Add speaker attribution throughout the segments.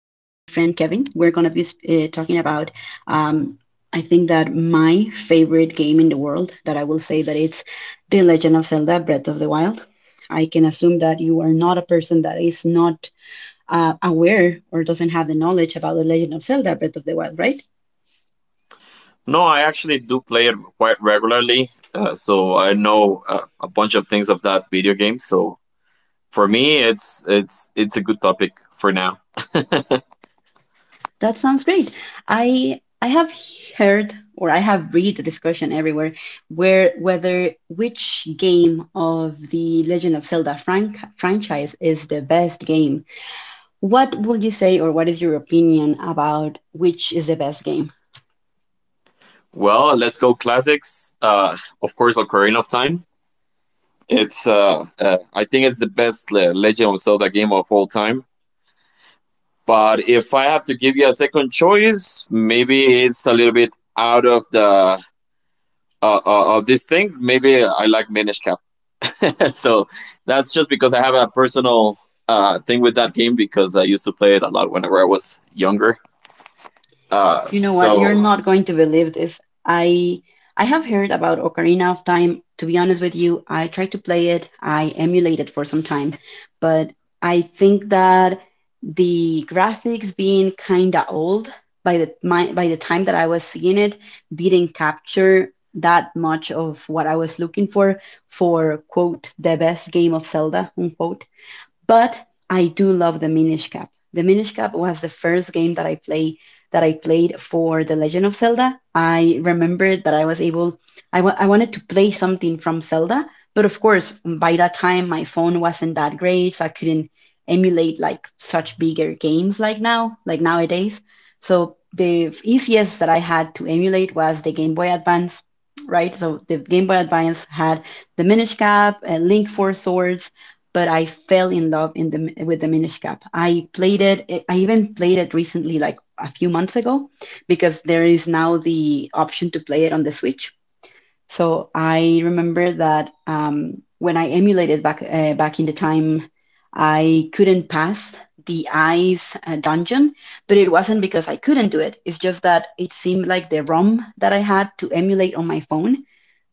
Speaker 1: friend Kevin. We're gonna be talking about, um, I think that my favorite game in the world, that I will say that it's The Legend of Zelda: Breath of the Wild. I can assume that you are not a person that is not aware or doesn't have the knowledge about The Legend of Zelda: Breath of the Wild, right?
Speaker 2: No, I actually do play it quite regularly, so I know a bunch of things of that video game. So for me, it's a good topic for now.
Speaker 1: That sounds great. I have heard or I have read the discussion everywhere where whether which game of the Legend of Zelda frank franchise is the best game. What would you say or what is your opinion about which is the best game?
Speaker 2: Well, let's go classics. Of course, Ocarina of Time. It's I think it's the best Legend of Zelda game of all time. But if I have to give you a second choice, maybe it's a little bit out of the of this thing. Maybe I like Minish Cap. So that's just because I have a personal thing with that game because I used to play it a lot whenever I was younger. Uh,
Speaker 1: You know what? You're
Speaker 2: so
Speaker 1: not going to believe this. I I have heard about Ocarina of Time. To be honest with you, I tried to play it. I emulated for some time, but I think that the graphics being kind of old by by the time that I was seeing it didn't capture that much of what I was looking for quote the best game of Zelda unquote. But I do love the Minish Cap. The Minish Cap was the first game that I played for The Legend of Zelda. I remembered that I was able I, wa- I wanted to play something from Zelda, but of course, by that time my phone wasn't that great, so I couldn't emulate like such bigger games like now, like nowadays. So the easiest that I had to emulate was the Game Boy Advance, right? So the Game Boy Advance had the Minish Cap, Link Four Swords, but I fell in love in the with the Minish Cap. I played it. I even played it recently, like a few months ago, because there is now the option to play it on the Switch. So I remember that when I emulated back back in the time, I couldn't pass the ice dungeon, but it wasn't because I couldn't do it. It's just that it seemed like the ROM that I had to emulate on my phone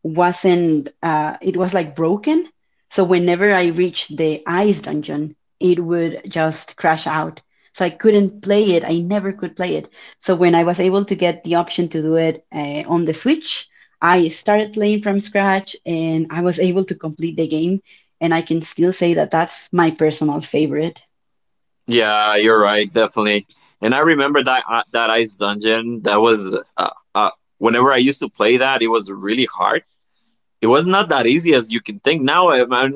Speaker 1: wasn't. It was like broken. So whenever I reached the ice dungeon, it would just crash out. So I couldn't play it. I never could play it. So when I was able to get the option to do it on the Switch, I started playing from scratch and I was able to complete the game. And I can still say that that's my personal favorite.
Speaker 2: yeah, you're right, definitely. And I remember that that ice dungeon. That was uh, uh, whenever I used to play that, it was really hard. It was not that easy as you can think. Now,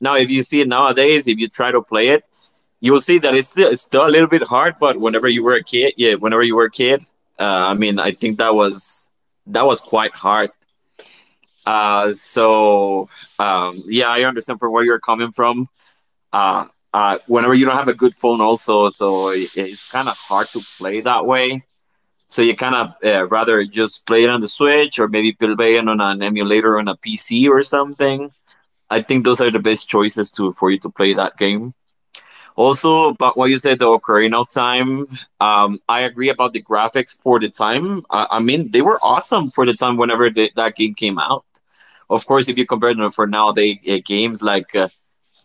Speaker 2: now if you see it nowadays, if you try to play it, you'll see that it's still a little bit hard. But whenever you were a kid, yeah, whenever you were a kid, I mean, I think that was quite hard. Uh, so yeah, I understand from where you're coming from. Uh, whenever you don't have a good phone, also, so it's kind of hard to play that way. So you kind of rather just play it on the Switch or maybe play it on an emulator on a PC or something. I think those are the best choices to for you to play that game. Also, about what you said, the Ocarina of Time, I agree about the graphics for the time. I mean, they were awesome for the time whenever that game came out. Of course, if you compare them for nowadays games like uh,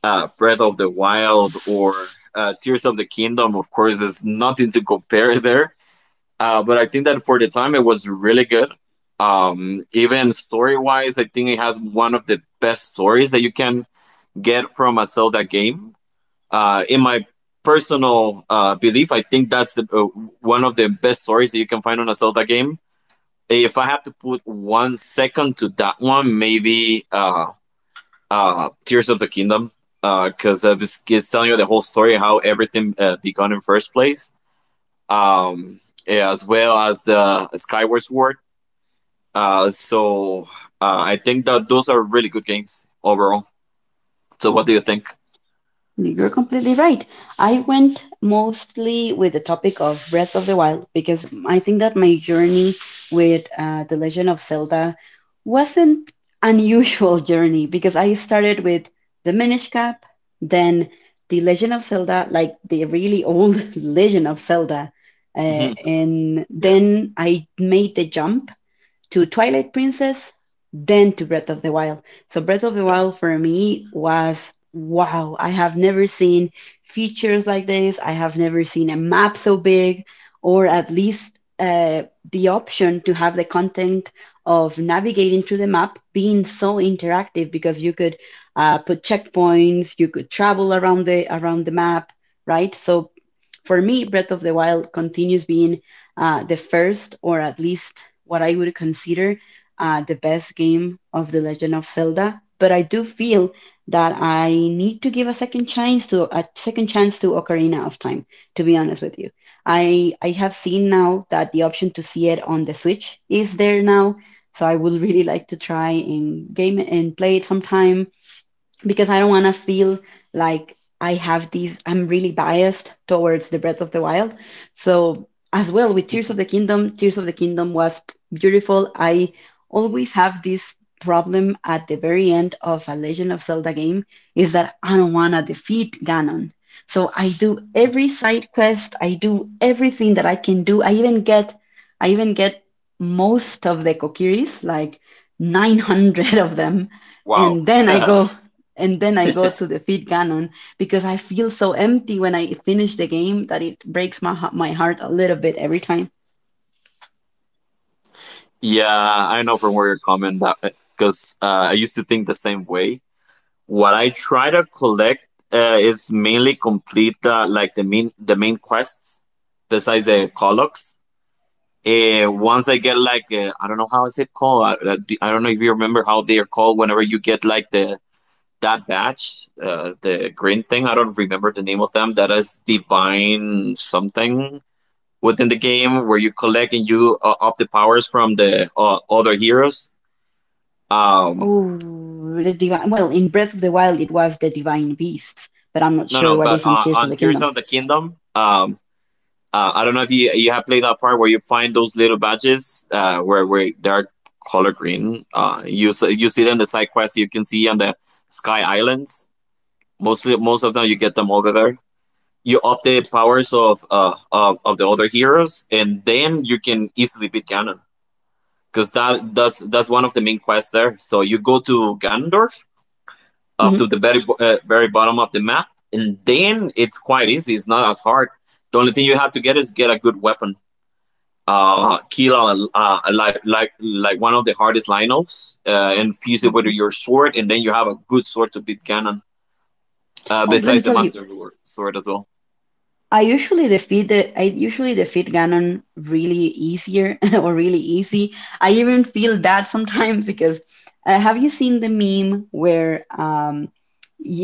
Speaker 2: uh, Breath of the Wild or Tears of the Kingdom, of course, there's nothing to compare there. But I think that for the time, it was really good. Even story wise, I think it has one of the best stories that you can get from a Zelda game. In my personal belief, I think that's one of the best stories that you can find on a Zelda game. If I have to put one second to that one, maybe Tears of the Kingdom because it's telling you the whole story how everything began in first place, um, yeah, as well as the Skyward Sword. Uh, so I think that those are really good games overall. So what do you think?
Speaker 1: You're completely right. I went mostly with the topic of Breath of the Wild because I think that my journey with The Legend of Zelda wasn't unusual journey because I started with the Minish Cap, then The Legend of Zelda, like the really old Legend of Zelda,
Speaker 2: Mhm.
Speaker 1: and
Speaker 2: Yeah,
Speaker 1: then I made the jump to Twilight Princess, then to Breath of the Wild. So Breath of the
Speaker 2: yeah.
Speaker 1: Wild for me was wow. I have never seen features like this. I have never seen a map so big, or at least the option to have the content of navigating through the map being so interactive because you could put checkpoints, you could travel around the map, right? So for me, Breath of the Wild continues being the first, or at least what I would consider the best game of The Legend of Zelda. But I do feel that I need to give a second chance to Ocarina of Time. To be honest with you, I have seen now that the option to see it on the Switch is there now, so I would really like to try and game it and play it sometime because I don't want to feel like I have these, I'm really biased towards the Breath of the Wild. So, as well with Tears of the Kingdom, Tears of the Kingdom was beautiful. I always have this problem at the very end of a Legend of Zelda game is that I don't want to defeat Ganon. So, I do every side quest, I do everything that I can do. I even get most of the Kokiris, like 900 of them.
Speaker 2: Wow.
Speaker 1: And then I go, and then I go to the feed Ganon because I feel so empty when I finish the game that it breaks my my heart a little bit every time.
Speaker 2: Yeah, I know from where you're coming that because I used to think the same way. What I try to collect is mainly complete like the main quests besides the collocs. Once I get like I don't know how is it called. I don't know if you remember how they are called. Whenever you get like the that batch, the green thing. I don't remember the name of them. That is divine something within the game where you collect and you up the powers from the other heroes. Um,
Speaker 1: Oh, the divine. Well, in Breath of the Wild, it was the divine beasts, but I'm not
Speaker 2: no,
Speaker 1: sure
Speaker 2: no,
Speaker 1: what
Speaker 2: but
Speaker 1: is on Tears of
Speaker 2: on
Speaker 1: the
Speaker 2: Tears
Speaker 1: Kingdom.
Speaker 2: of the Kingdom, I don't know if you have played that part where you find those little badges where they are color green. You see them in the side quests. You can see on the Sky Islands. Mostly, most of them you get them over there. You update powers of of the other heroes, and then you can easily beat Ganon because that's one of the main quests there. So you go to Ganondorf up
Speaker 1: Hmm,
Speaker 2: to the very very bottom of the map, and then it's quite easy. It's not as hard. The only thing you have to get is get a good weapon kill a, like like one of the hardest linos and fuse it with
Speaker 1: hmm.
Speaker 2: your sword, and then you have a good sword to beat Ganon.
Speaker 1: Oh, let me
Speaker 2: Besides the
Speaker 1: tell you,
Speaker 2: sword as well.
Speaker 1: I usually defeat Ganon really easier or really easy. I even feel bad sometimes because have you seen the meme where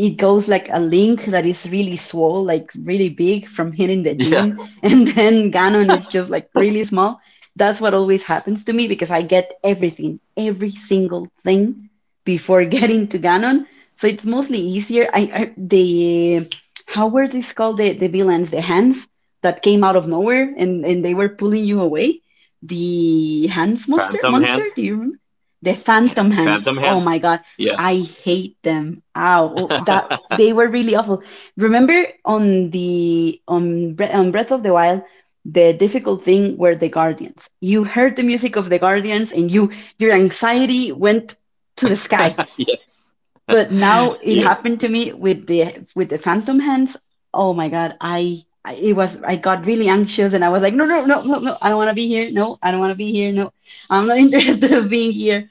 Speaker 1: it goes like a link that is really swole, like really big from hitting the
Speaker 2: Yeah,
Speaker 1: gym, and then Ganon is just like really small? That's what always happens to me because I get everything, every single thing before getting to Ganon. So it's mostly easier. I the how were these called the villains the hands that came out of nowhere and, they were pulling you away the hands monster
Speaker 2: Phantom
Speaker 1: monster.
Speaker 2: hand?
Speaker 1: Do you remember the phantom
Speaker 2: Phantom
Speaker 1: hands?
Speaker 2: hand?
Speaker 1: Oh my God,
Speaker 2: Yeah.
Speaker 1: I hate them. Ow. Oh, that they were really awful. Remember on on Breath of the Wild the difficult thing were the guardians? You heard the music of the guardians and your anxiety went to the sky,
Speaker 2: Yes.
Speaker 1: but now it
Speaker 2: Yes.
Speaker 1: happened to me with the phantom hands. Oh my God, I it was I got really anxious and I was like, no, no, no, no, no, I don't want to be here. No, I don't want to be here. No, I'm not interested of being here.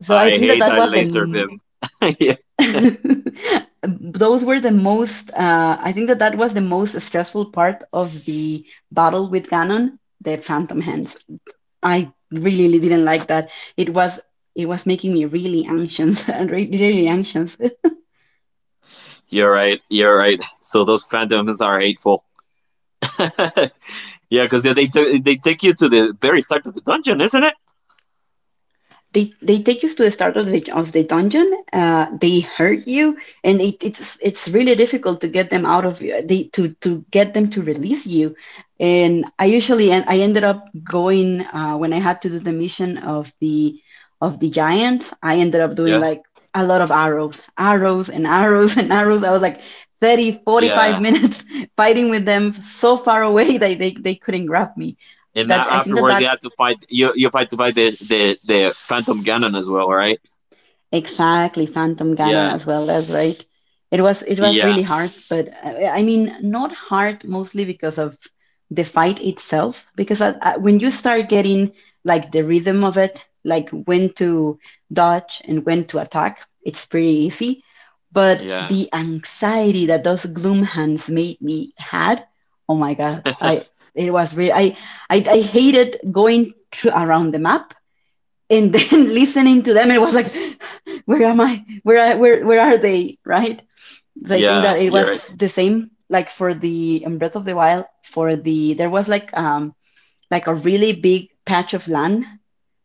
Speaker 1: So I
Speaker 2: I
Speaker 1: think that
Speaker 2: hate
Speaker 1: that
Speaker 2: that
Speaker 1: was
Speaker 2: laser beam. Yeah.
Speaker 1: those were the most I think that that was the most stressful part of the battle with Ganon, the phantom hands. I really really didn't like that. It was it was making me really anxious and really, really anxious.
Speaker 2: You're right. You're right. So those phantoms are hateful. Yeah, because they take you to the very start of the dungeon, isn't it?
Speaker 1: They take you to the start of the dungeon. They hurt you, and it's really difficult to get them out of they to get them to release you. And I ended up going when I had to do the mission of the giant. I ended up doing
Speaker 2: Yeah,
Speaker 1: like a lot of arrows, arrows and arrows and arrows. I was like thirty forty five
Speaker 2: yeah.
Speaker 1: minutes fighting with them so far away that they couldn't grab me.
Speaker 2: And
Speaker 1: That
Speaker 2: now
Speaker 1: I think that
Speaker 2: afterwards,
Speaker 1: that
Speaker 2: you have to fight. You fight the the Phantom Ganon as well, right?
Speaker 1: Exactly, Phantom Ganon
Speaker 2: Yeah,
Speaker 1: as well. That's right. It was really
Speaker 2: yeah,
Speaker 1: hard, but I mean, not hard mostly because of the fight itself. Because when you start getting like the rhythm of it, like when to dodge and when to attack, it's pretty easy. But
Speaker 2: yeah,
Speaker 1: the anxiety that those gloom hands made me had, oh my God, I it was really I hated going through around the map and then listening to them. It was like where am I, where are they, right? So I think
Speaker 2: yeah.
Speaker 1: that it
Speaker 2: You're right.
Speaker 1: was the same like for the in Breath of the Wild for the there was like a really big patch of land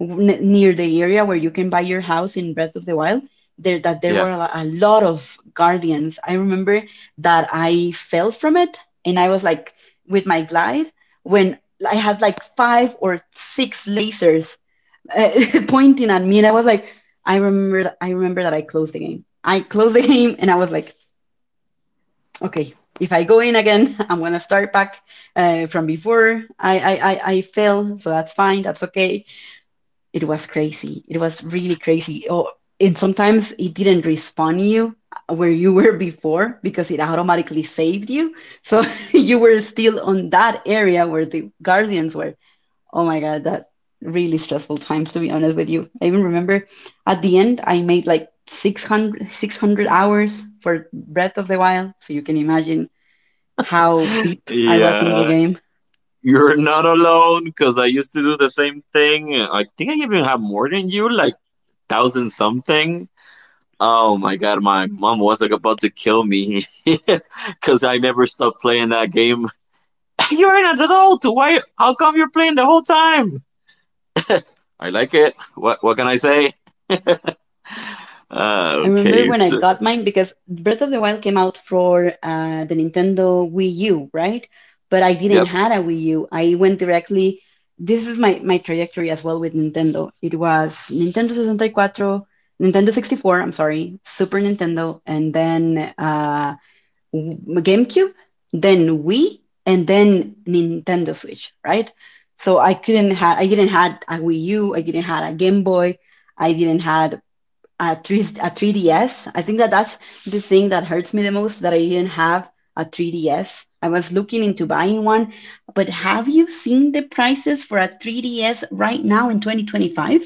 Speaker 1: near the area where you can buy your house in Breath of the Wild, there that there
Speaker 2: Yeah,
Speaker 1: were a lot of guardians. I remember that I fell from it and I was like with my glide when I had like five or six lasers uh, pointing at me, and I was like, I remember that I closed the game. I closed the game, and I was like, okay, if I go in again, I'm gonna start back from before I fail. So that's fine. That's okay. It was crazy. It was really crazy. Oh, and sometimes it didn't respawn you where you were before because it automatically saved you. So you were still on that area where the guardians were. Oh my God, that really stressful times, to be honest with you. I even remember at the end, I made like 600 600 hours for Breath of the Wild. So you can imagine how deep I was in the
Speaker 2: yeah.
Speaker 1: game.
Speaker 2: You're not alone because I used to do the same thing. I think I even have more than you, like thousand something. Oh my god, my mom was like about to kill me because I never stopped playing that game. You're an adult. Why? How come you're playing the whole time? I like it. What? What can I say?
Speaker 1: I remember
Speaker 2: Okay.
Speaker 1: when I
Speaker 2: So-
Speaker 1: got mine because Breath of the Wild came out for the Nintendo Wii U, right? But I didn't
Speaker 2: yep.
Speaker 1: have a Wii U. I went directly. This is my trajectory as well with Nintendo. It was Nintendo 64, Nintendo 64, I'm sorry, Super Nintendo, and then GameCube, then Wii, and then Nintendo Switch, right? So I couldn't have I didn't had a Wii U, I didn't had a Game Boy, I didn't had a 3, a 3DS. I think that that's the thing that hurts me the most, that I didn't have a 3DS. I was looking into buying one, but have you seen the prices for a 3DS right now in 2025?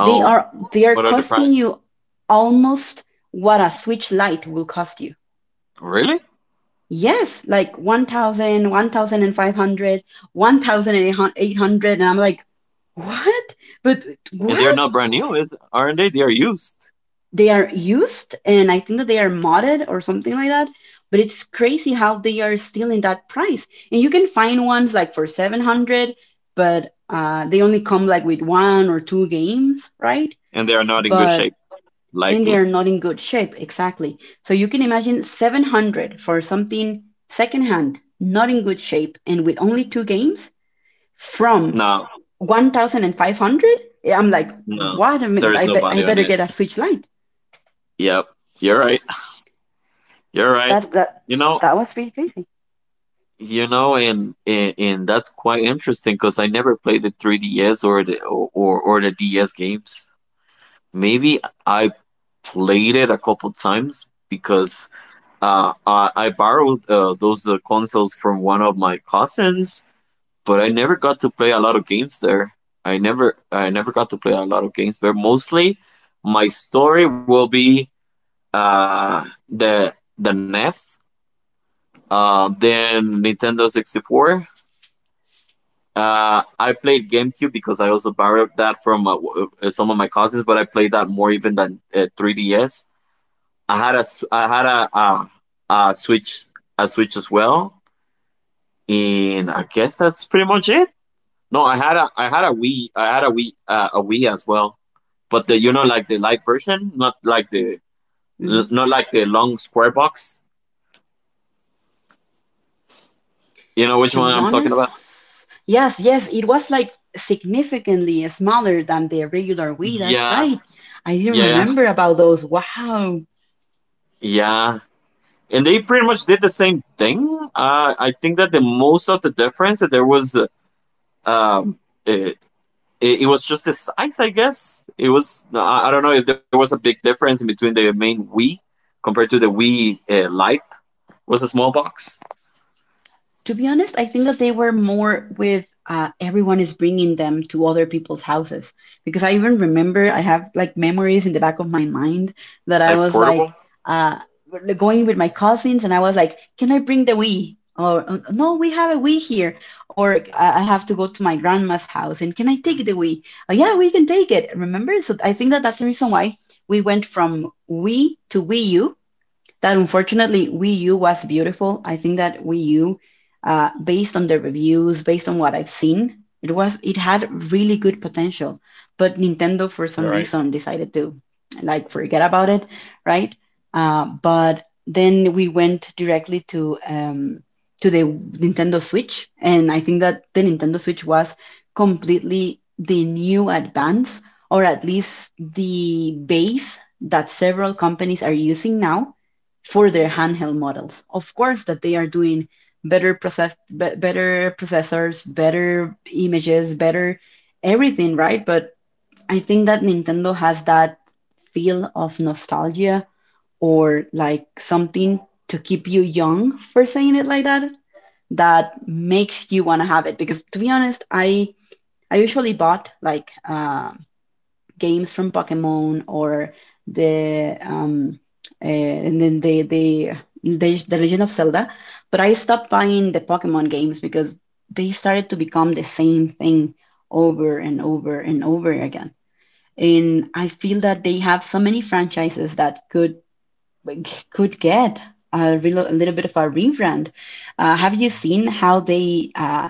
Speaker 1: They are they are
Speaker 2: What are the
Speaker 1: costing
Speaker 2: prices?
Speaker 1: you almost what a Switch Lite will cost you.
Speaker 2: Really?
Speaker 1: Yes, like 1,000, 1,500, 1,800, and I'm like, what? But
Speaker 2: And they are not
Speaker 1: what,
Speaker 2: brand new, is aren't they? They are used,
Speaker 1: they are used, and I think that they are modded or something like that. But it's crazy how they are still in that price, and you can find ones like for 700, but they only come like with one or two games, right?
Speaker 2: and they are not in good
Speaker 1: But
Speaker 2: shape,
Speaker 1: and they
Speaker 2: likely.
Speaker 1: are not in good shape. Exactly, so you can imagine 700 for something secondhand, not in good shape, and with only two games, from
Speaker 2: No,
Speaker 1: 1,500. I'm like,
Speaker 2: no,
Speaker 1: what? I
Speaker 2: there
Speaker 1: mean,
Speaker 2: is
Speaker 1: I
Speaker 2: nobody on
Speaker 1: better
Speaker 2: it.
Speaker 1: get a Switch Lite.
Speaker 2: Yep, you're right. You're right.
Speaker 1: that that
Speaker 2: You know,
Speaker 1: that was really crazy.
Speaker 2: and that's quite interesting because I never played the 3DS or the DS games. Maybe I played it a couple times because I borrowed those consoles from one of my cousins, but I never got to play a lot of games there. I never got to play a lot of games there. Mostly, my story will be uh, the NES, then Nintendo 64. I played GameCube because I also borrowed that from some of my cousins, but I played that more even than 3DS. I had I had a Switch as well, and I guess that's pretty much it. No, I had a Wii I had a Wii as well, but the you know like the light version, not like the
Speaker 1: Hmm.
Speaker 2: long square box. You know which
Speaker 1: To
Speaker 2: one
Speaker 1: be
Speaker 2: I'm talking about?
Speaker 1: honest, yes, yes, it was like significantly smaller than the regular Wii. That's
Speaker 2: Yeah,
Speaker 1: right. I didn't
Speaker 2: yeah,
Speaker 1: remember about those. Wow.
Speaker 2: yeah. And they pretty much did the same thing. I think that the most of the difference that there was, um, it, it was just the size, I guess. I don't know if there was a big difference in between the main Wii compared to the Wii Lite was a small box.
Speaker 1: To be honest, I think that they were more with, everyone is bringing them to other people's houses, because I even remember, I have like memories in the back of my mind that I
Speaker 2: Like,
Speaker 1: was like, uh, going with my cousins, and I was like, "Can I bring the Wii?" Or, no, we have a Wii here." Or I have to go to my grandma's house and can I take the Wii? "Oh, yeah, we can take it. Remember?" So I think that that's the reason why we went from Wii to Wii U, that unfortunately Wii U was beautiful. I think that Wii U, based on the reviews, based on what I've seen, it had really good potential. But Nintendo, for some reason, decided to like forget about it, right? But then we went directly to the Nintendo Switch, and I think that the Nintendo Switch was completely the new advance, or at least the base that several companies are using now for their handheld models. Of course, that they are doing better process, better processors, better images, better everything, right? But I think that Nintendo has that feel of nostalgia, or like something to keep you young, for saying it like that, that makes you want to have it. Because to be honest, I usually bought like games from Pokemon, or the and then the Legend of Zelda. But I stopped buying the Pokemon games because they started to become the same thing over and over and over again. And I feel that they have so many franchises that could get a little bit of a rebrand. Have you seen how they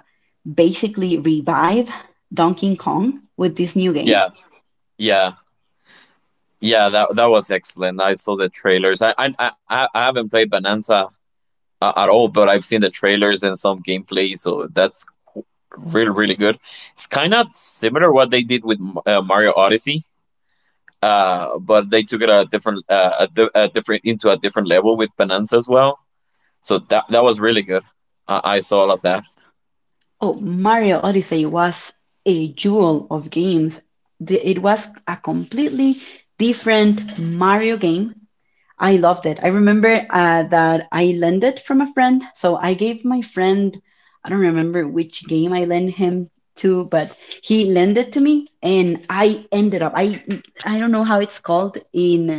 Speaker 1: basically revive Donkey Kong with this new game?
Speaker 2: yeah, yeah, yeah. That was excellent. I saw the trailers. I haven't played Bonanza at all, but I've seen the trailers and some gameplay. So that's really really good. It's kind of similar what they did with Mario Odyssey, but they took it a different a, di- a different into a different level with Bonanza as well. So that that was really good. I saw all of that.
Speaker 1: Oh, Mario Odyssey was a jewel of games. It was a completely different Mario game. I loved it. I remember, that I lent it from a friend. So I gave my friend, I don't remember which game I lent him to, but he lent it to me, and I ended up, I don't know how it's called in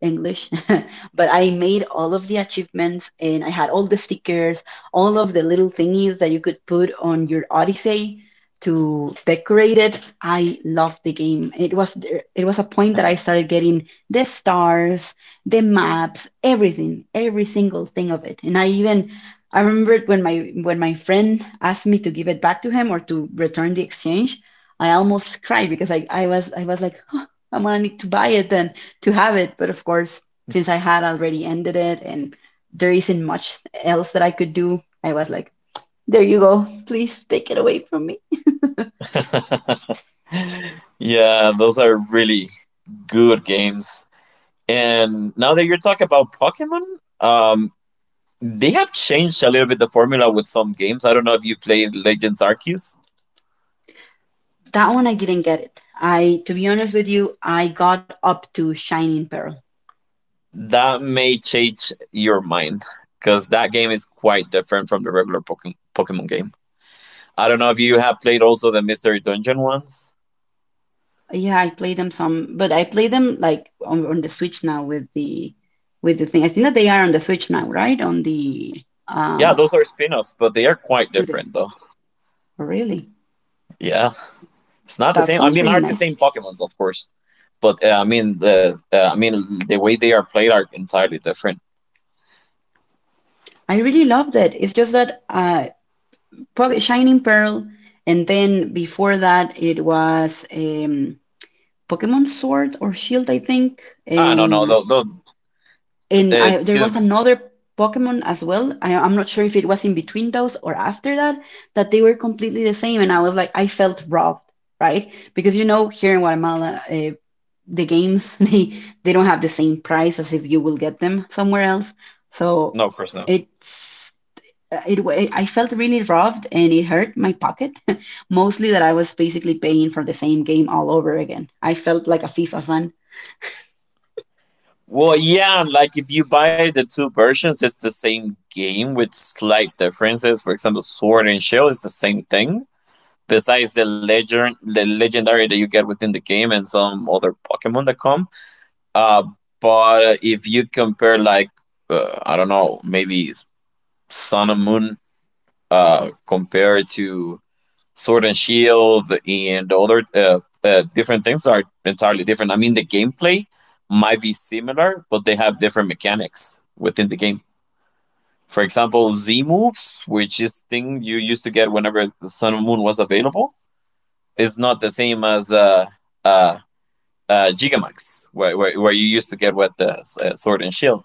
Speaker 1: English, but I made all of the achievements, and I had all the stickers, all of the little thingies that you could put on your Odyssey to decorate it. I loved the game. It was a point that I started getting the stars, the maps, everything, every single thing of it. And I remembered when my friend asked me to give it back to him or to return the exchange, I almost cried because I was like, "Huh, I'm gonna need to buy it and to have it." But of course, since I had already ended it and there isn't much else that I could do, I was like, "There you go, please take it away from me."
Speaker 2: Yeah, those are really good games. And now that you're talking about Pokemon, um, they have changed a little bit the formula with some games. I don't know if you played Legends Arceus.
Speaker 1: That one, I didn't get it. I To be honest with you, I got up to Shining Pearl.
Speaker 2: That may change your mind because that game is quite different from the regular Pokemon game. I don't know if you have played also the Mystery Dungeon ones.
Speaker 1: Yeah, I play them some, but I play them like on the Switch now, with the thing. I think that they are on the Switch now, right? On the
Speaker 2: Yeah,
Speaker 1: um
Speaker 2: those are spin-offs, but they are quite
Speaker 1: the-
Speaker 2: different though.
Speaker 1: really.
Speaker 2: Yeah, it's not the
Speaker 1: That
Speaker 2: same. I
Speaker 1: sounds
Speaker 2: mean,
Speaker 1: really
Speaker 2: are the
Speaker 1: nice.
Speaker 2: same Pokemon, of course, but I mean the way they are played are entirely different.
Speaker 1: I really loved it. It's just that Shining Pearl, and then before that it was Pokemon Sword or Shield, I think.
Speaker 2: Ah, no, no, no, no.
Speaker 1: And I
Speaker 2: it's
Speaker 1: there was another Pokemon as well. I'm not sure if it was in between those or after that, that they were completely the same, and I was like, I felt robbed, right? Because you know, here in Guatemala, the games they don't have the same price as if you will get them somewhere else. So
Speaker 2: No, of course not.
Speaker 1: it's I felt really robbed, and it hurt my pocket, mostly that I was basically paying for the same game all over again. I felt like a FIFA fan.
Speaker 2: Well, yeah, like if you buy the two versions, it's the same game with slight differences. For example, Sword and Shield is the same thing. Besides the legendary that you get within the game and some other Pokemon that come. Uh, but if you compare, like, I don't know, maybe Sun and Moon, compared to Sword and Shield and other different things are entirely different. I mean, the gameplay might be similar, but they have different mechanics within the game. For example, Z moves, which is thing you used to get whenever the Sun and Moon was available, is not the same as uh, Gigamax, where you used to get with the Sword and Shield.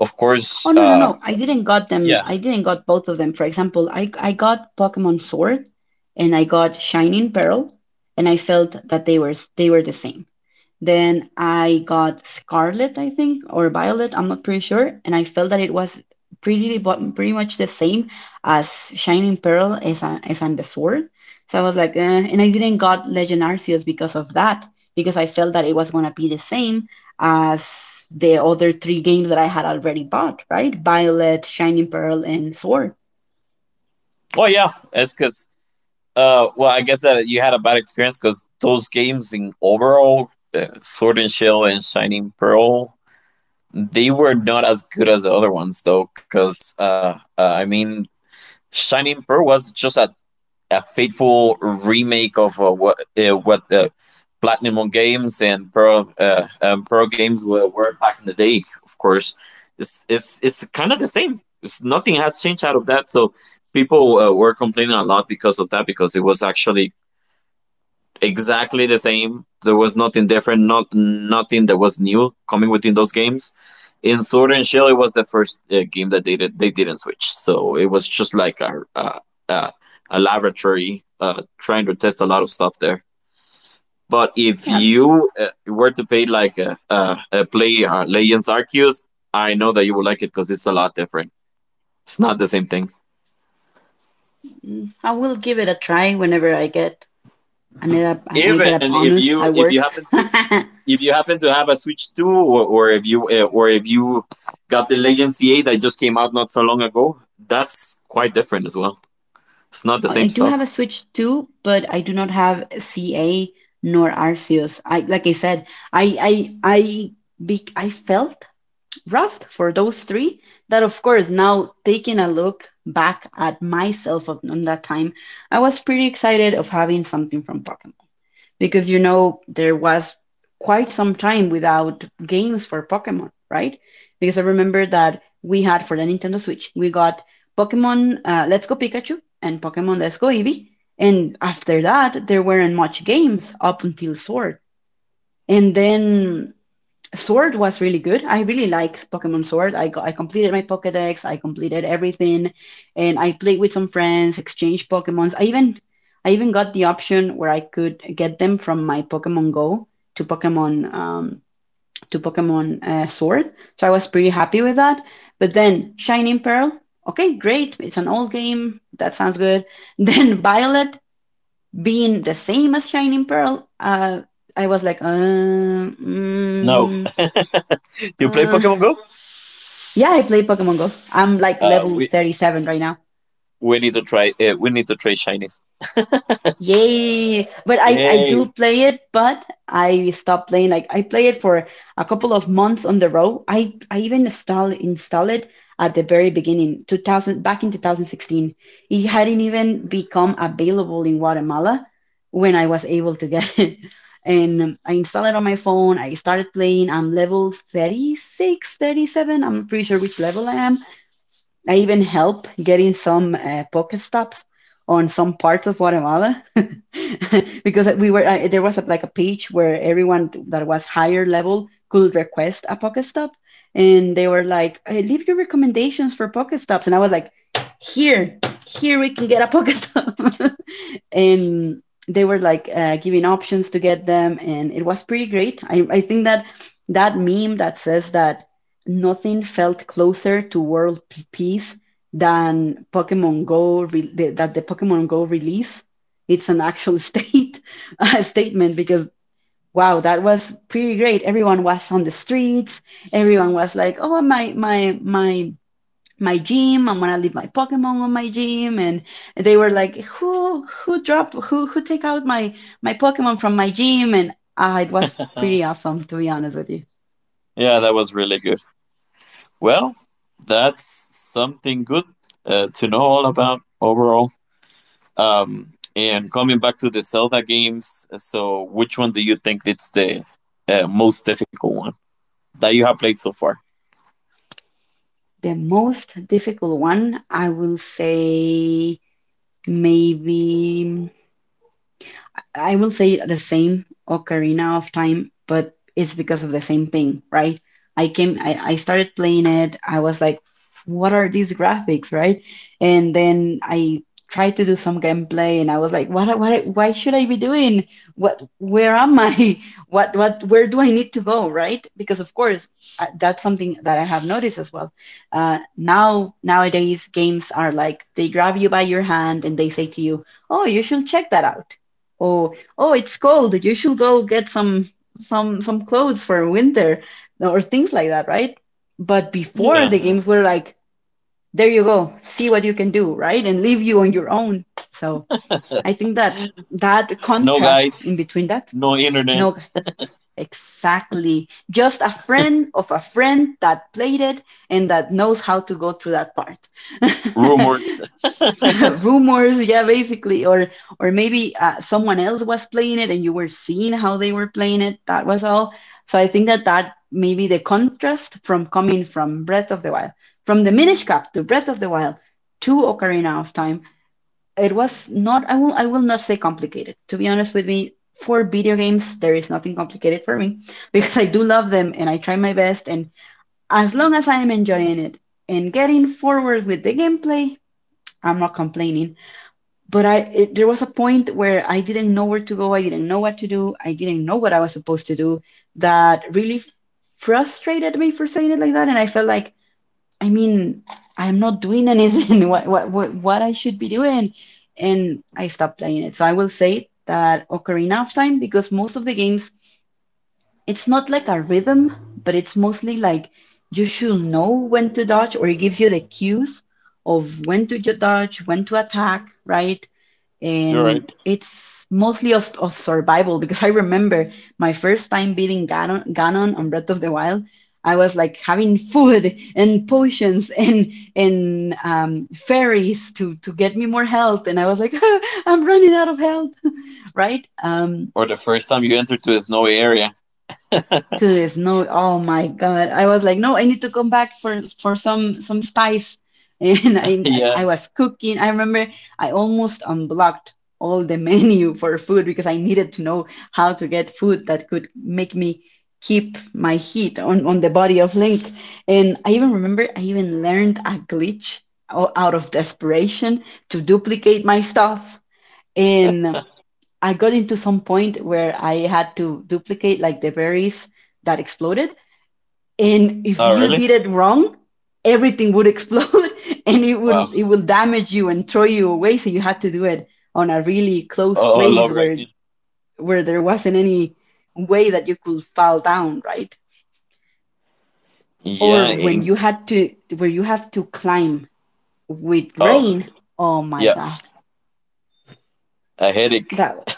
Speaker 2: Of course,
Speaker 1: Oh, no, no, no! I didn't got them.
Speaker 2: yeah.
Speaker 1: I didn't got both of them. For example, I got Pokemon Sword and I got Shining Pearl, and I felt that they were the same. Then I got Scarlet, I think, or Violet. I'm not pretty sure. And I felt that it was pretty pretty much the same as Shining Pearl, as on the Sword. So I was like, eh. And I didn't got Legend Arceus because of that, because I felt that it was gonna be the same as the other three games that I had already bought, right? Violet, Shining Pearl, and Sword.
Speaker 2: Oh yeah, it's because well, I guess that you had a bad experience because those games in overall, Sword and Shield and Shining Pearl, they were not as good as the other ones though. Because I mean, Shining Pearl was just a faithful remake of what the Platinum Games and Pearl Pearl Games were back in the day. Of course, it's kind of the same. It's, nothing has changed out of that. So people were complaining a lot because of that, because it was actually exactly the same. There was nothing different, not nothing that was new coming within those games. In Sword and Shield, it was the first game that they did, they didn't switch, so it was just like a, a laboratory trying to test a lot of stuff there. But if
Speaker 1: Yeah,
Speaker 2: you were to pay like a play Legends Arceus, I know that you would like it, because it's a lot different. It's not the same thing.
Speaker 1: I will give it a try whenever I get
Speaker 2: Even
Speaker 1: a bonus at
Speaker 2: if you
Speaker 1: work.
Speaker 2: happen to
Speaker 1: I
Speaker 2: if you happen to have a Switch 2, or if you or if you got the Legacy 8 that just came out not so long ago, that's quite different as well. It's not the same
Speaker 1: I do
Speaker 2: stuff.
Speaker 1: have a Switch too, but I do not have CA nor Arceus. I Like I said, I I I I felt rough for those three. That of course, now taking a look back at myself, on that time, I was pretty excited of having something from Pokemon, because you know, there was quite some time without games for Pokemon, right? Because I remember that we had, for the Nintendo Switch, we got Pokemon, Let's Go Pikachu and Pokemon Let's Go Eevee. And after that there weren't much games up until Sword. And then Sword was really good. I really liked Pokemon Sword. I completed my Pokédex. I completed everything, and I played with some friends, exchanged Pokémons. I even got the option where I could get them from my Pokemon Go to Pokemon Sword. So I was pretty happy with that. But then Shining Pearl, okay, great. It's an old game. That sounds good. Then Violet being the same as Shining Pearl, I was like,
Speaker 2: No, you play
Speaker 1: uh,
Speaker 2: Pokemon Go?
Speaker 1: yeah, I play Pokemon Go. I'm like
Speaker 2: uh,
Speaker 1: level
Speaker 2: we
Speaker 1: 37 right now.
Speaker 2: We need to try we need to try shinies.
Speaker 1: Yay! But I do
Speaker 2: Yay.
Speaker 1: play it, but I stopped playing. Like I play it for a couple of months on the row. I even install it at the very beginning, 2000, back in 2016. It hadn't even become available in Guatemala when I was able to get it. And I installed it on my phone. I started playing. I'm level 36, 37. I'm not pretty sure which level I am. I even help getting some pocket stops on some parts of Guatemala because we were there was a, like, a page where everyone that was higher level could request a pocket stop, and they were like, "Hey, leave your recommendations for pocket stops," and I was like, "Here, here we can get a pocket stop," and they were like, giving options to get them, and it was pretty great. I think that that meme that says that nothing felt closer to world peace than Pokemon Go the Pokemon Go release. It's an actual statement, because wow, that was pretty great. Everyone was on the streets. Everyone was like, "Oh, my gym. I'm gonna leave my Pokemon on my gym." And they were like, who drop who take out my Pokemon from my gym?" And, it was pretty awesome, to be honest with you.
Speaker 2: Yeah, that was really good. Well, that's something good to know all about overall. And coming back to the Zelda games, so which one do you think it's the most difficult one that you have played so far?
Speaker 1: The most difficult one, I will say maybe I will say the same, Ocarina of Time, but it's because of the same thing, right? I started playing it. I was like, what are these graphics, right? And then I tried to do some gameplay, and I was like, why should I be doing? Where am I? Where do I need to go, right? Because of course, that's something that I have noticed as well. Nowadays, games are like they grab you by your hand and they say to you, "Oh, you should check that out. Oh, oh, it's cold. You should go get some some clothes for winter," or things like that, right? But before, the
Speaker 2: Yeah.
Speaker 1: games were like, "There you go, see what you can do," right? And leave you on your own. So I think that
Speaker 2: No
Speaker 1: contrast in
Speaker 2: guides,
Speaker 1: between that.
Speaker 2: no internet,
Speaker 1: No, exactly. Just a friend of a friend that played it and that knows how to go through that part.
Speaker 2: rumors.
Speaker 1: Rumors, yeah, basically. Or maybe someone else was playing it and you were seeing how they were playing it, that was all. So I think that maybe the contrast from coming from Breath of the Wild, from the Minish Cap to Breath of the Wild to Ocarina of Time, it was not, I will, I will not say complicated. To be honest with me, for video games there is nothing complicated for me because I do love them and I try my best, and as long as I am enjoying it and getting forward with the gameplay, I'm not complaining. But I it, there was a point where I didn't know where to go. I didn't know what to do. I didn't know what I was supposed to do. That really frustrated me, for saying it like that, and I felt like, I mean I'm not doing anything. What I should be doing, and I stopped playing it. So I will say that Ocarina of Time, because most of the games, it's not like a rhythm, but it's mostly like you should know when to dodge, or it gives you the cues of when to dodge, when to attack, right?
Speaker 2: You're right.
Speaker 1: And it's mostly of survival. Because I remember my first time beating Ganon on Breath of the Wild. I was like having food and potions and fairies to get me more health, and I was like, I'm running out of health, right?
Speaker 2: Or the first time you entered to a snowy area.
Speaker 1: To the snow. Oh my God. I was like, no, I need to come back for some spice. And I
Speaker 2: Yeah.
Speaker 1: was cooking. I remember I almost unblocked all the menu for food because I needed to know how to get food that could make me keep my heat on the body of Link. And I even remember I even learned a glitch out of desperation to duplicate my stuff. And I got into some point where I had to duplicate like the berries that exploded. And if
Speaker 2: Oh,
Speaker 1: you
Speaker 2: really?
Speaker 1: did it wrong, everything would explode and it
Speaker 2: Wow.
Speaker 1: will it will damage you and throw you away. So you had to do it on a really close
Speaker 2: Oh,
Speaker 1: place
Speaker 2: love
Speaker 1: where
Speaker 2: again.
Speaker 1: there wasn't any way that you could fall down, right?
Speaker 2: Yeah.
Speaker 1: Or when you had to, where you have to climb with
Speaker 2: Oh,
Speaker 1: rain. Oh my
Speaker 2: yeah.
Speaker 1: God.
Speaker 2: A headache.
Speaker 1: That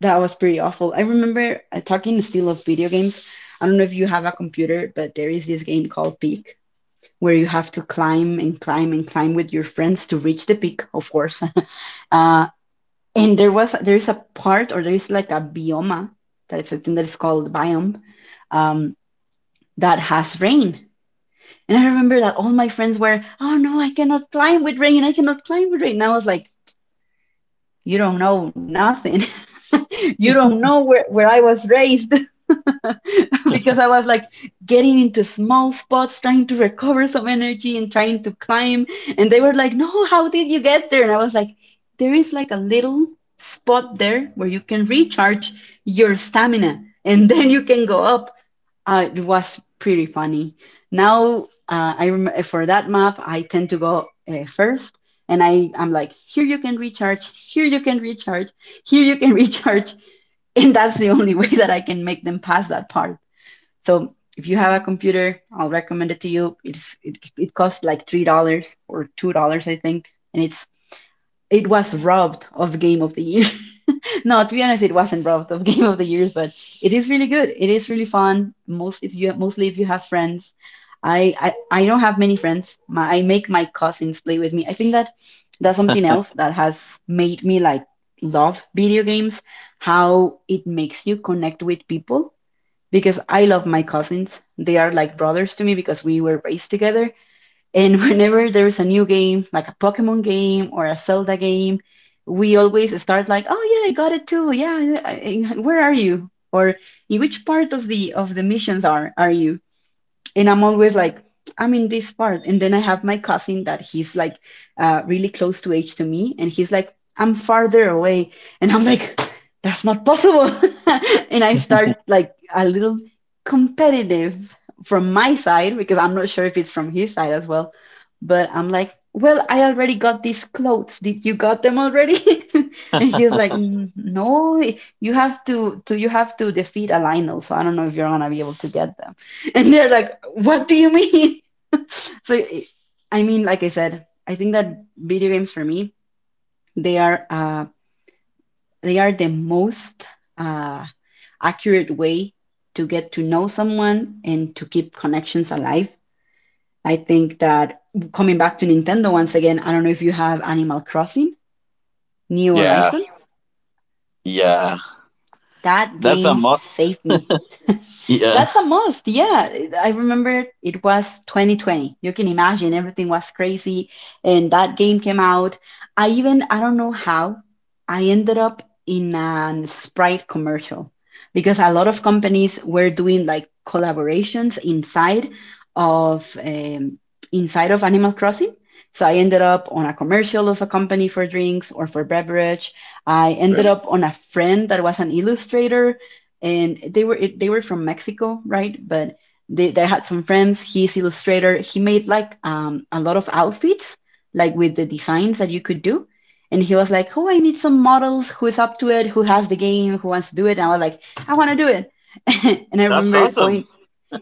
Speaker 1: That was pretty awful. I remember talking the still of video games. I don't know if you have a computer, but there is this game called Peak where you have to climb and climb and climb with your friends to reach the peak, of course. uh, and there was there is a part, or there is like a bioma that is a thing that is called biome, um, that has rain. And I remember that all my friends were, "Oh no, I cannot climb with rain. I cannot climb with rain." And I was like, "You don't know nothing." You don't know where, I was raised, because I was like getting into small spots, trying to recover some energy and trying to climb. And they were like, "No, how did you get there?" And I was like, "There is like a little spot there where you can recharge your stamina and then you can go up." It was pretty funny. Now, for that map, I tend to go first, and I'm like, here you can recharge, here you can recharge, here you can recharge, and that's the only way that I can make them pass that part. So if you have a computer, I'll recommend it to you. It costs like $3 or $2, I think, and it was robbed of Game of the Year. No, to be honest, it wasn't Route of Game of the Years, but it is really good. It is really fun. Mostly if you have friends. I don't have many friends. I make my cousins play with me. I think that that's something else that has made me like love video games, how it makes you connect with people. Because I love my cousins. They are like brothers to me because we were raised together, and whenever there's a new game, like a Pokemon game or a Zelda game, we always start like, "Oh yeah, I got it too. Yeah, where are you? Or in which part of the missions are you?" And I'm always like, "I'm in this part." And then I have my cousin that he's like really close to age to me, and he's like, "I'm farther away." And I'm like, "That's not possible." And I start like a little competitive from my side, because I'm not sure if it's from his side as well. But I'm like, "Well, I already got these clothes. Did you got them already?" And he's like, "N- no, you have to, you have to defeat a Lionel. So I don't know if you're gonna be able to get them." And they're like, "What do you mean?" So, like I said, I think that video games for me, they are uh, they are the most uh, accurate way to get to know someone and to keep connections alive. I think that, coming back to Nintendo once again, I don't know if you have Animal Crossing, New
Speaker 2: Yeah.
Speaker 1: Horizons.
Speaker 2: Yeah.
Speaker 1: That
Speaker 2: That's a
Speaker 1: game
Speaker 2: must.
Speaker 1: saved me.
Speaker 2: Yeah.
Speaker 1: That's a must. Yeah, I remember it was 2020. You can imagine everything was crazy, and that game came out. I don't know how, I ended up in an Sprite commercial because a lot of companies were doing like collaborations of um, inside of Animal Crossing. So I ended up on a commercial of a company for drinks or for beverage. I ended
Speaker 2: Really?
Speaker 1: up on a friend that was an illustrator, and they were from Mexico, right? But they had some friends. He's illustrator. He made like a lot of outfits, like with the designs that you could do. And he was like, "Oh, I need some models. Who's up to it? Who has the game? Who wants to do it?" And I was like, "I want to do it." And I
Speaker 2: That's
Speaker 1: remember
Speaker 2: awesome.
Speaker 1: going,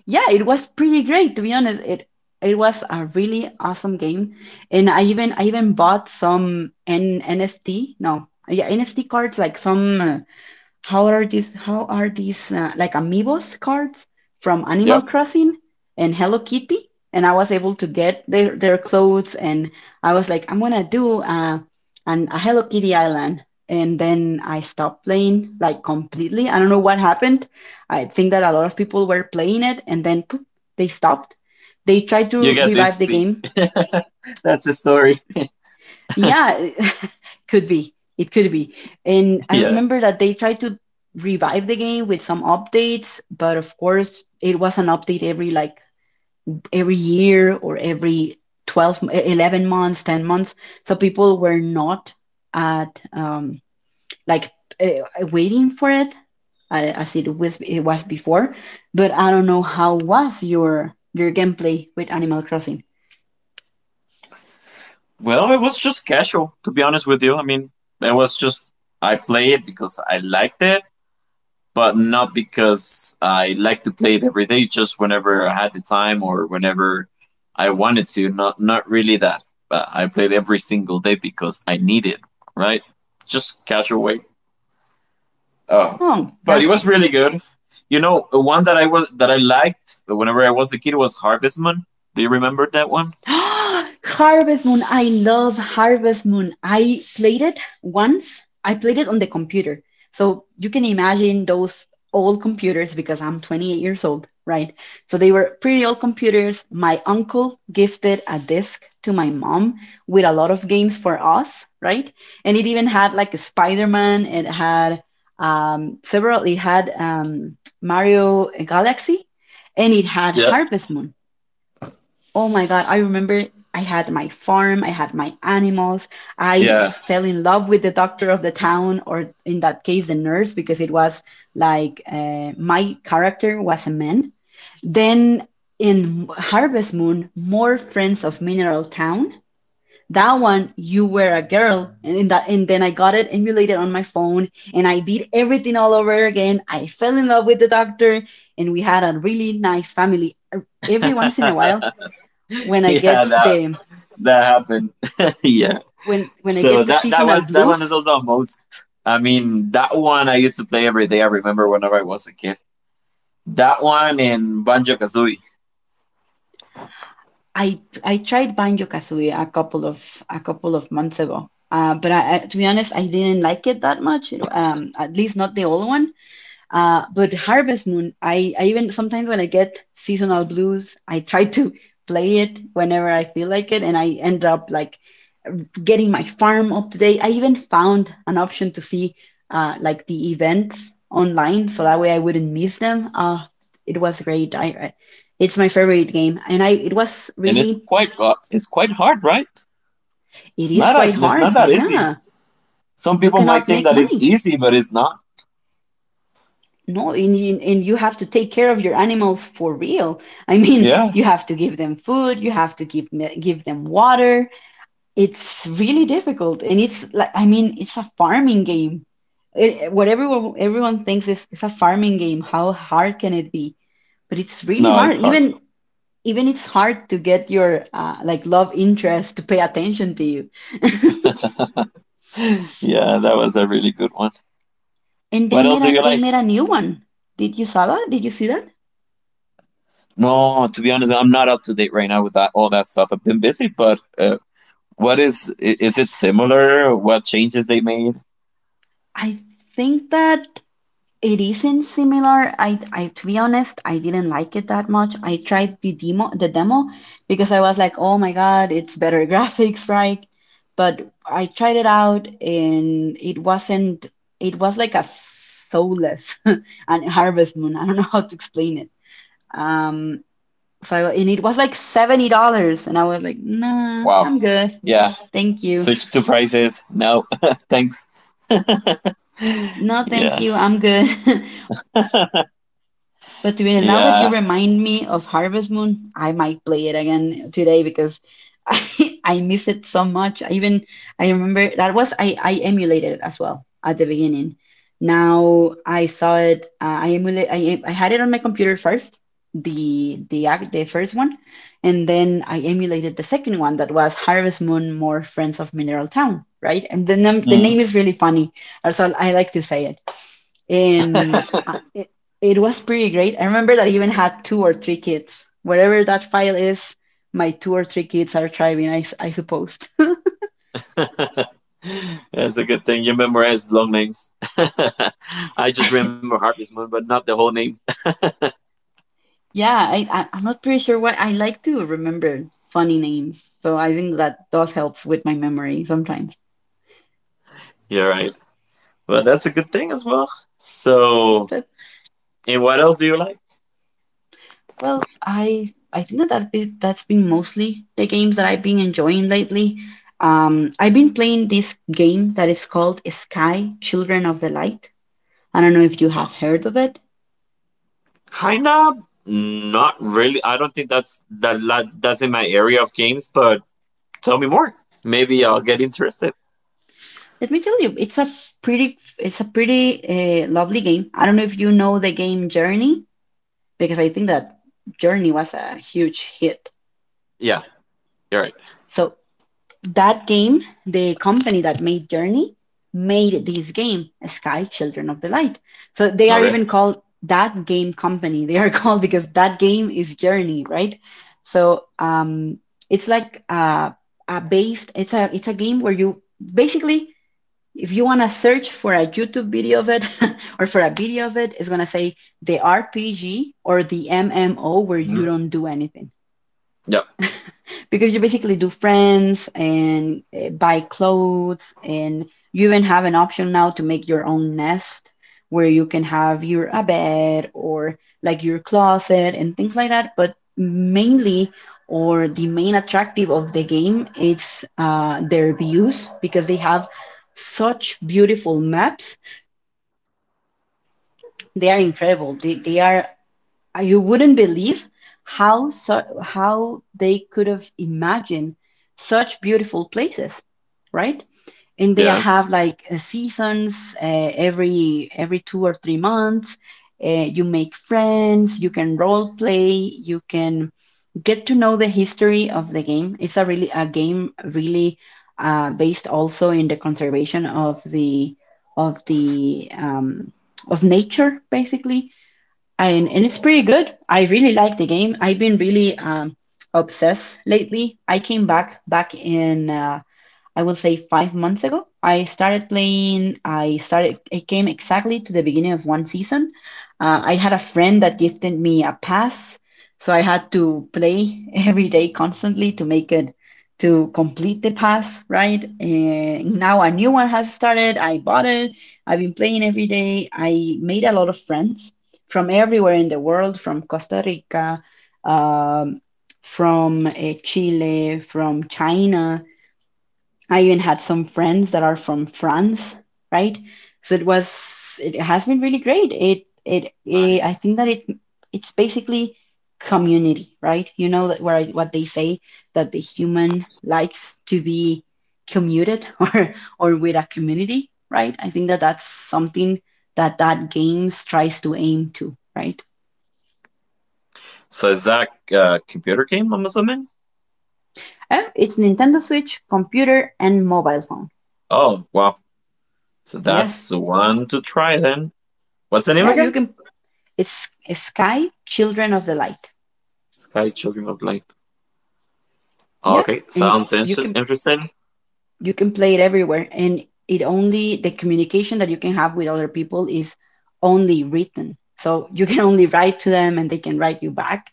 Speaker 1: yeah, it was pretty great to be honest. It was a really awesome game, and I even bought some N NFT, no, yeah, NFT cards, like some, how are these? How are these like Amiibos cards from Animal
Speaker 2: Yep.
Speaker 1: Crossing and Hello Kitty? And I was able to get their clothes, and I was like, "I'm gonna do a Hello Kitty island." And then I stopped playing like completely. I don't know what happened. I think that a lot of people were playing it, and then poof, they stopped. They tried
Speaker 2: You
Speaker 1: to
Speaker 2: get
Speaker 1: revive
Speaker 2: dizzy.
Speaker 1: the game,
Speaker 2: That's the story.
Speaker 1: yeah, could be. It could be. And I
Speaker 2: Yeah.
Speaker 1: remember that they tried to revive the game with some updates, but of course, it was an update every like every year or every 11 months, 10 months. So people were not at like uh, waiting for it as it was, it was before. But I don't know how was your gameplay with Animal Crossing.
Speaker 2: Well, it was just casual, to be honest with you. I mean, it was just, I play it because I liked it, but not because I like to play it every day. Just whenever I had the time or whenever I wanted to. Not really that. But I played every single day because I need it. Right? Just casual way. Uh,
Speaker 1: Oh,
Speaker 2: but it was
Speaker 1: gotcha.
Speaker 2: really good. You know, one that I liked whenever I was a kid was Harvest Moon. Do you remember that one?
Speaker 1: Harvest Moon. I love Harvest Moon. I played it once. I played it on the computer. So you can imagine those old computers, because I'm 28 years old, right? So they were pretty old computers. My uncle gifted a disc to my mom with a lot of games for us, right? And it even had like a Spider-Man. It had several. It had Mario Galaxy, and it had
Speaker 2: Yeah.
Speaker 1: Harvest Moon. Oh my God, I remember I had my farm, I had my animals. I
Speaker 2: Yeah.
Speaker 1: fell in love with the doctor of the town, or in that case, the nurse, because it was like my character was a man. Then in Harvest Moon, more friends of Mineral Town. That one, you were a girl, and in that, and then I got it emulated on my phone, and I did everything all over again. I fell in love with the doctor, and we had a really nice family. Every once in a while, when I
Speaker 2: Yeah,
Speaker 1: get
Speaker 2: that
Speaker 1: the
Speaker 2: that happened. Yeah.
Speaker 1: when I
Speaker 2: So
Speaker 1: get the
Speaker 2: that that one
Speaker 1: seasonal
Speaker 2: that one is
Speaker 1: blues,
Speaker 2: also a most. I mean, that one I used to play every day. I remember whenever I was a kid. That one in Banjo Kazooie,
Speaker 1: I I tried Banjo Kazooie a couple of months ago. To be honest, I didn't like it that much. At least not the old one. But Harvest Moon, I even sometimes when I get seasonal blues, I try to play it whenever I feel like it, and I end up like getting my farm up to date. I even found an option to see like the events online, so that way I wouldn't miss them. It was great. I It's my favorite game, and I it was
Speaker 2: and
Speaker 1: really
Speaker 2: it's quite hard, right?
Speaker 1: it
Speaker 2: It's
Speaker 1: is
Speaker 2: not
Speaker 1: quite
Speaker 2: it's not
Speaker 1: hard.
Speaker 2: that easy.
Speaker 1: Yeah,
Speaker 2: Some
Speaker 1: you
Speaker 2: people
Speaker 1: cannot
Speaker 2: might think
Speaker 1: make
Speaker 2: that it's
Speaker 1: money.
Speaker 2: easy, but it's not.
Speaker 1: No, and you have to take care of your animals for real. I mean,
Speaker 2: Yeah.
Speaker 1: you have to give them food, you have to give them water. It's really difficult, and it's like I mean, it's a farming game. It, what Everyone thinks is it's a farming game. How hard can it be? But it's
Speaker 2: No,
Speaker 1: really
Speaker 2: it's
Speaker 1: hard.
Speaker 2: hard.
Speaker 1: Even it's hard to get your like love interest to pay attention to you.
Speaker 2: Yeah, that was a really good one.
Speaker 1: And
Speaker 2: What else do you like?
Speaker 1: they made a new one. Did you saw that? Did you see that?
Speaker 2: No, to be honest, I'm not up to date right now with that all that stuff. I've been busy, but is it similar? What changes they made?
Speaker 1: I think that it isn't similar. I To be honest, I didn't like it that much. I tried the demo because I was like, oh my God, it's better graphics, right? But I tried it out and it wasn't it was like a soulless and Harvest Moon. I don't know how to explain it. Um and it was like $70 and I was like, nah,
Speaker 2: Wow.
Speaker 1: I'm good.
Speaker 2: Yeah.
Speaker 1: Thank you.
Speaker 2: Switch to prices. No. Thanks.
Speaker 1: No, thank
Speaker 2: Yeah.
Speaker 1: you. I'm good. But to be honest, now that you
Speaker 2: Yeah.
Speaker 1: remind me of Harvest Moon, I might play it again today because I miss it so much. I remember that was I emulated it as well at the beginning. Now I saw it. I emulate. I em- I had it on my computer first, the act the first one, and then I emulated the second one that was Harvest Moon More Friends of Mineral Town, right? And the
Speaker 2: Mm.
Speaker 1: name is really funny, so I like to say it and it was pretty great. I remember that I even had two or three kids. Wherever that file is, my two or three kids are thriving, I suppose.
Speaker 2: That's a good thing. You memorized long names. I just remember Harvest Moon, but not the whole name.
Speaker 1: Yeah, I'm not pretty sure what I like to remember funny names, so I think that does helps with my memory sometimes.
Speaker 2: Yeah, right. But that's a good thing as well. So,
Speaker 1: But
Speaker 2: and what else do you like?
Speaker 1: well, I think that that's been mostly the games that I've been enjoying lately. I've been playing this game that is called Sky Children of the Light. I don't know if you have heard of it.
Speaker 2: Kind of not really. I don't think that's that's in my area of games, but tell me more. Maybe I'll get interested.
Speaker 1: Let me tell you, it's a pretty lovely game. I don't know if you know the game Journey, because I think that Journey was a huge hit.
Speaker 2: Yeah, you're right.
Speaker 1: So that game, the company that made Journey, made this game, Sky Children of the Light. So they are
Speaker 2: Okay.
Speaker 1: even called That Game Company. They are called because that game is Journey, right? So it's like a based. it's a game where you basically if you want to search for a YouTube video of it or for a video of it, it's going to say the RPG or the MMO where you
Speaker 2: Mhm.
Speaker 1: don't do anything
Speaker 2: Yep.
Speaker 1: because you basically do friends and buy clothes, and you even have an option now to make your own nest where you can have your a bed or like your closet and things like that, but mainly or the main attractive of the game, it's their views because they have such beautiful maps. They are incredible. They are you wouldn't believe how how they could have imagined such beautiful places, right? And they
Speaker 2: Yeah.
Speaker 1: have like seasons every 2 or 3 months. Uh, you make friends. You can role play. You can get to know the history of the game. It's a game really based also in the conservation of the of the of nature basically, and it's pretty good. I really like the game. I've been really obsessed lately. I came back in. I will say 5 months ago. I started playing. I started. It came exactly to the beginning of one season. I had a friend that gifted me a pass, so I had to play every day constantly to make it to complete the pass. Right, and now a new one has started. I bought it. I've been playing every day. I made a lot of friends from everywhere in the world, from Costa Rica, um, from Chile, from China. I even had some friends that are from France, right? So it has been really great. I
Speaker 2: Nice.
Speaker 1: think that it's basically community, right? You know that where what they say that the human likes to be commuted or with a community, right? I think that that's something that games tries to aim to, right?
Speaker 2: So is that a computer game, I'm assuming?
Speaker 1: Oh, it's Nintendo Switch, computer, and mobile phone.
Speaker 2: Oh, wow. So
Speaker 1: Yes,
Speaker 2: that's one to try then. What's the name
Speaker 1: yeah, you
Speaker 2: again?
Speaker 1: can. It's Sky Children of the Light.
Speaker 2: Sky Children of Light.
Speaker 1: Yeah,
Speaker 2: Okay,
Speaker 1: and
Speaker 2: sounds
Speaker 1: you can
Speaker 2: interesting.
Speaker 1: you can play it everywhere, and it only the communication that you can have with other people is only written. So you can only write to them, and they can write you back.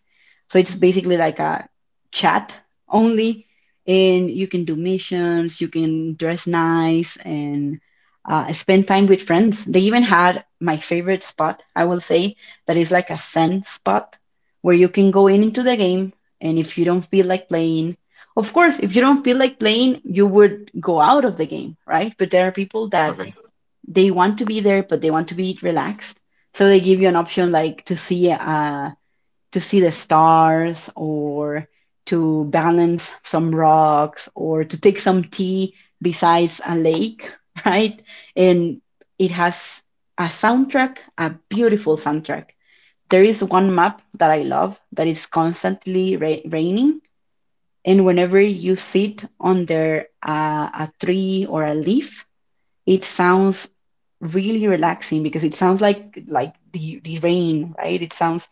Speaker 1: So it's basically like a chat only, and you can do missions, you can dress nice, and spend time with friends. They even had my favorite spot, I will say, that is like a zen spot where you can go in into the game, and if you don't feel like playing, of course, if you don't feel like playing, you would go out of the game, right? But there are people that
Speaker 2: Okay.
Speaker 1: they want to be there, but they want to be relaxed. So they give you an option like to see the stars or to balance some rocks or to take some tea besides a lake, right? And it has a soundtrack, a beautiful soundtrack. There is one map that I love that is constantly raining, and whenever you sit under a tree or a leaf, it sounds really relaxing because it sounds like the rain, right? It sounds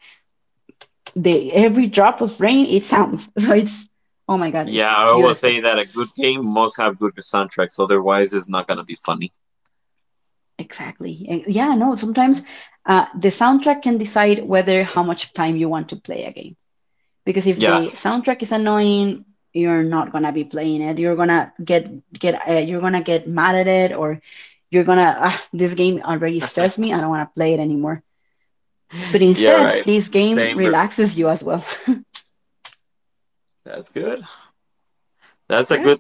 Speaker 1: the every drop of rain, it sounds. So it's oh my God,
Speaker 2: Yeah,
Speaker 1: it's
Speaker 2: I would say
Speaker 1: beautiful.
Speaker 2: that a good game must have good soundtracks, otherwise it's not gonna be funny.
Speaker 1: Exactly. And yeah, no, sometimes the soundtrack can decide whether how much time you want to play a game, because if
Speaker 2: Yeah,
Speaker 1: the soundtrack is annoying, you're not gonna be playing it, you're gonna get you're gonna get mad at it, or you're gonna ah, this game already stressed me, I don't want to play it anymore. But
Speaker 2: yeah,
Speaker 1: instead,
Speaker 2: right.
Speaker 1: this game
Speaker 2: Same, bro.
Speaker 1: relaxes you as well.
Speaker 2: That's good. That's a
Speaker 1: Yeah,
Speaker 2: good.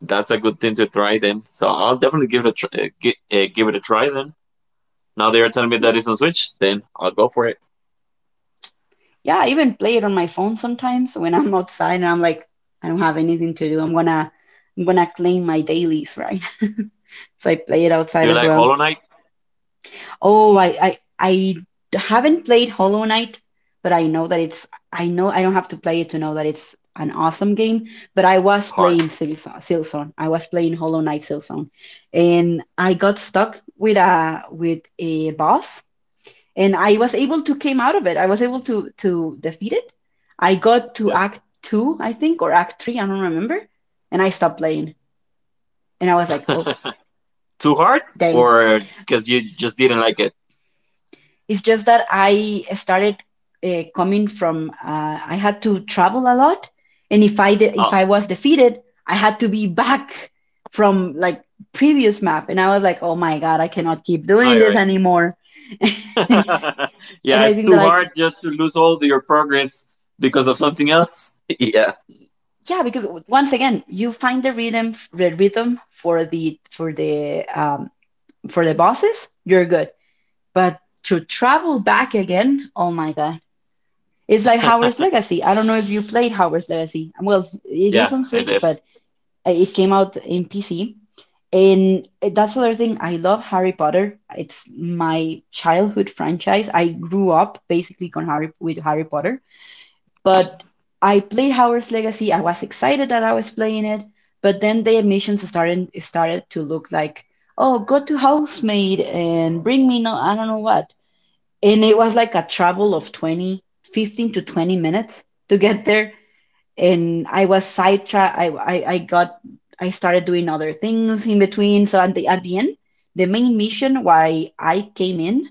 Speaker 2: That's a good thing to try then. So I'll definitely give it a give it a try then. Now they're telling me
Speaker 1: yeah,
Speaker 2: that it's on Switch, then I'll go for it.
Speaker 1: yeah, I even play it on my phone sometimes when I'm outside and I'm like, I don't have anything to do, I'm gonna claim my dailies, right? So I play it
Speaker 2: Do you
Speaker 1: outside
Speaker 2: like
Speaker 1: as
Speaker 2: Hollow
Speaker 1: well.
Speaker 2: Knight?
Speaker 1: Oh, I haven't played Hollow Knight, but I know that it's I know I don't have to play it to know that it's an awesome game. But I was
Speaker 2: Hard.
Speaker 1: playing Silson. I was playing Hollow Knight Silson, and I got stuck with a boss, and I was able to came out of it. I was able to defeat it. I got to
Speaker 2: Yeah.
Speaker 1: Act Two, I think, or Act Three. I don't remember, and I stopped playing, and I was like, oh
Speaker 2: Too hard,
Speaker 1: dang,
Speaker 2: or because you just didn't like it?
Speaker 1: it's just that I started coming from. I had to travel a lot, and if I did, if
Speaker 2: Oh,
Speaker 1: I was defeated, I had to be back from like previous map, and I was like, oh my God, I cannot keep
Speaker 2: no,
Speaker 1: doing
Speaker 2: you're
Speaker 1: this
Speaker 2: right.
Speaker 1: anymore. And
Speaker 2: Yeah,
Speaker 1: I
Speaker 2: it's
Speaker 1: think that,
Speaker 2: too
Speaker 1: like,
Speaker 2: hard just to lose all your progress because of something else. Yeah.
Speaker 1: yeah, because once again you find the rhythm, for the for the bosses, you're good. But to travel back again, oh my God, it's like Howard's Legacy. I don't know if you played Howard's Legacy. Well, it
Speaker 2: Yeah,
Speaker 1: is on
Speaker 2: I
Speaker 1: Switch,
Speaker 2: did.
Speaker 1: but it came out in PC. And that's another thing. I love Harry Potter. It's my childhood franchise. I grew up basically on Harry with Harry Potter. But I played Howard's Legacy. I was excited that I was playing it. But then the admissions started to look like, oh, go to housemaid and bring me no, I don't know what, and it was like a travel of 20, 15 to 20 minutes to get there, and I was sidetracked. I started doing other things in between. So at the end, the main mission why I came in,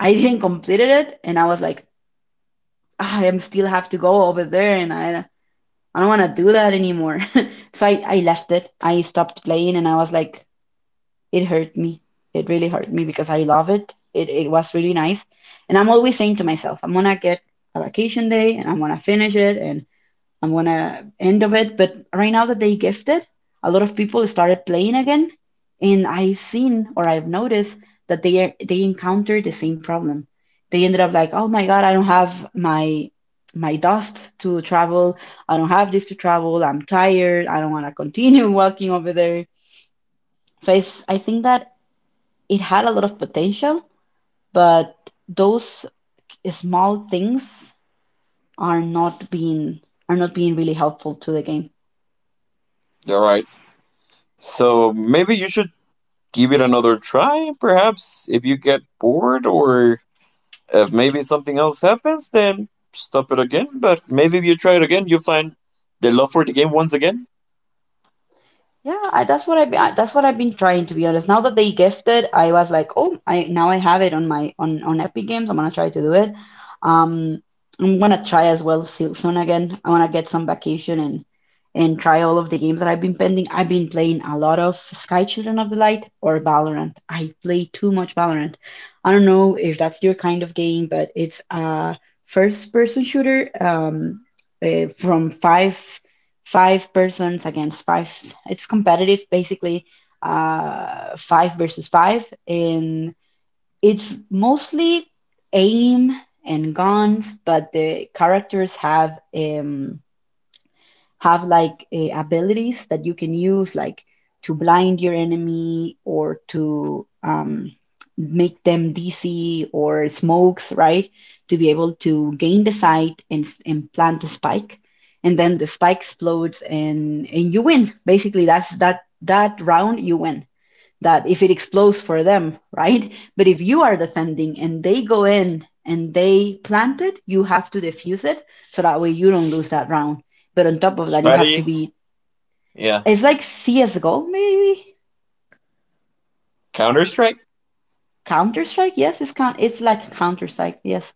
Speaker 1: I didn't completed it, and I was like, "Ah, I am still have to go over there and I don't want to do that anymore." So I left it, I stopped playing, and I was like, it hurt me. It really hurt me because I love it. It was really nice. And I'm always saying to myself, I'm gonna get a vacation day and I'm gonna finish it and I'm gonna end of it. But right now that they gifted, a lot of people started playing again. And I've seen, or I've noticed, that they are, they encounter the same problem. They ended up like, oh my god, I don't have my dust to travel. I don't have this to travel. I'm tired. I don't want to continue walking over there. So I think that it had a lot of potential, but those small things are not being are not being really helpful to the game.
Speaker 2: All right. So maybe you should give it another try. Perhaps if you get bored or if maybe something else happens, then stop it again. But maybe if you try it again, you'll find the love for the game once again.
Speaker 1: Yeah, that's what I've been, that's what I've been trying to be honest. Now that they gifted, I was like, oh, I now I have it on my on Epic Games. I'm gonna try to do it. Um, I'm gonna try as well Silksong again. I wanna get some vacation and try all of the games that I've been pending. I've been playing a lot of Sky Children of the Light or Valorant. I play too much Valorant. I don't know if that's your kind of game, but it's a first person shooter, from five persons against five. It's competitive, basically, five versus five, and it's mostly aim and guns, but the characters have like abilities that you can use, like to blind your enemy or to make them DC or smokes, right? To be able to gain the sight and, and plant the spike. And then the spike explodes and you win. Basically, that's that round you win, that if it explodes for them, right? But if you are defending and they go in and they plant it, you have to defuse it so that way you don't lose that round. But on top of that, you have to
Speaker 2: Strategy.
Speaker 1: be.
Speaker 2: Yeah.
Speaker 1: It's like CS:GO, maybe
Speaker 2: Counter Strike.
Speaker 1: Counter Strike. Yes, it's like Counter Strike. Yes,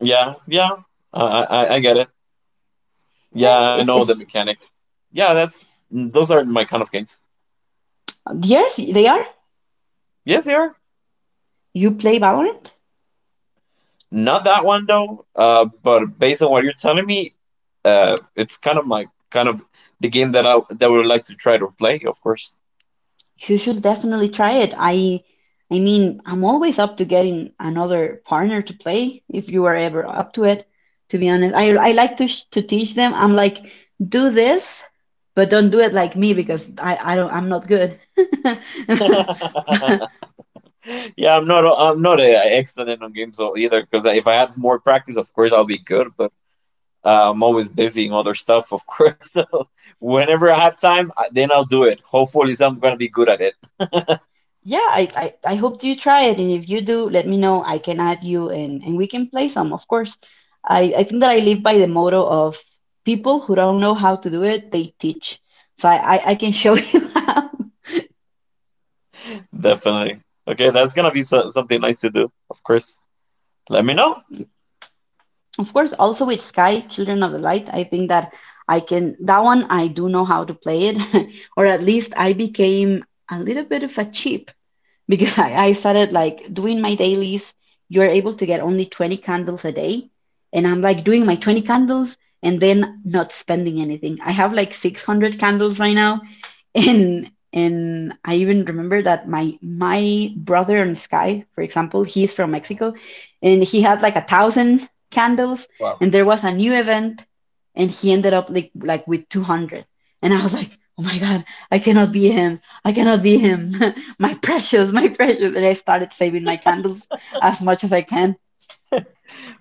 Speaker 2: Yeah. Yeah. I get it. Yeah,
Speaker 1: yeah.
Speaker 2: I know the
Speaker 1: It's
Speaker 2: mechanic. Yeah, that's those are my kind of games.
Speaker 1: yes. They are.
Speaker 2: Yes, they are.
Speaker 1: You play Valorant.
Speaker 2: Not that one though. But based on what you're telling me, it's kind of my kind of the game that I that would like to try to play. Of course.
Speaker 1: You should definitely try it. I mean, I'm always up to getting another partner to play if you are ever up to it, to be honest. I like to sh to teach them. I'm like, do this, but don't do it like me because I don't, I'm not good.
Speaker 2: Yeah,
Speaker 1: But
Speaker 2: I'm not. I'm not excellent on games though either. Because if I had more practice, of course, I'll be good. But I'm always busy in other stuff, of course. So whenever I have time, then I'll do it. Hopefully, so I'm gonna be good at it.
Speaker 1: yeah, I hope you try it, and if you do, let me know. I can add you, and we can play some, of course. I think that I live by the motto of people who don't know how to do it, they teach. So I can show you how.
Speaker 2: Definitely. Okay, that's gonna be something nice to do, of course. Let me know.
Speaker 1: Of course, also with Sky, Children of the Light, I think that I can, that one I do know how to play it, or at least I became a little bit of a cheap because I started like doing my dailies. You're able to get only 20 candles a day. And I'm like doing my 20 candles and then not spending anything. I have like 600 candles right now. And I even remember that my brother in Sky, for example, he's from Mexico, and he had like 1,000 candles, and there was a new event, and he ended up like with 200. And I was like, oh my God, I cannot be him. I cannot be him. My precious, my precious. And I started saving my candles as much as I can.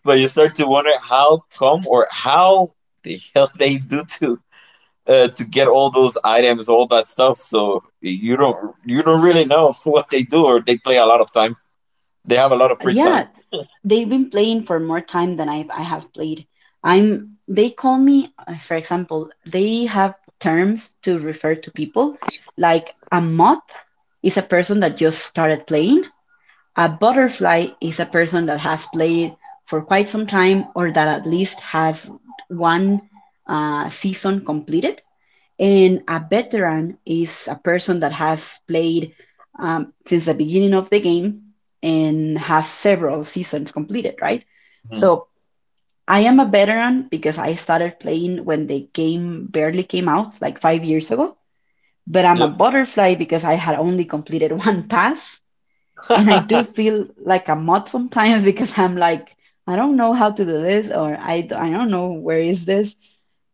Speaker 2: But you start to wonder how come or how the hell they do to get all those items, all that stuff. So you don't really know what they do, or they play a lot of time. They have a lot of
Speaker 1: And
Speaker 2: free time.
Speaker 1: yeah, they've been playing for more time than I have played. I'm. They call me, for example, they have terms to refer to people. Like a moth is a person that just started playing. A butterfly is a person that has played for quite some time, or that at least has one season completed. And a veteran is a person that has played since the beginning of the game and has several seasons completed, right?
Speaker 2: Hmm.
Speaker 1: So I am a veteran because I started playing when the game barely came out, like 5 years ago. But I'm a
Speaker 2: Yep,
Speaker 1: butterfly because I had only completed one pass, and I do feel like a mod sometimes because I'm like, I don't know how to do this, or I don't know where is this.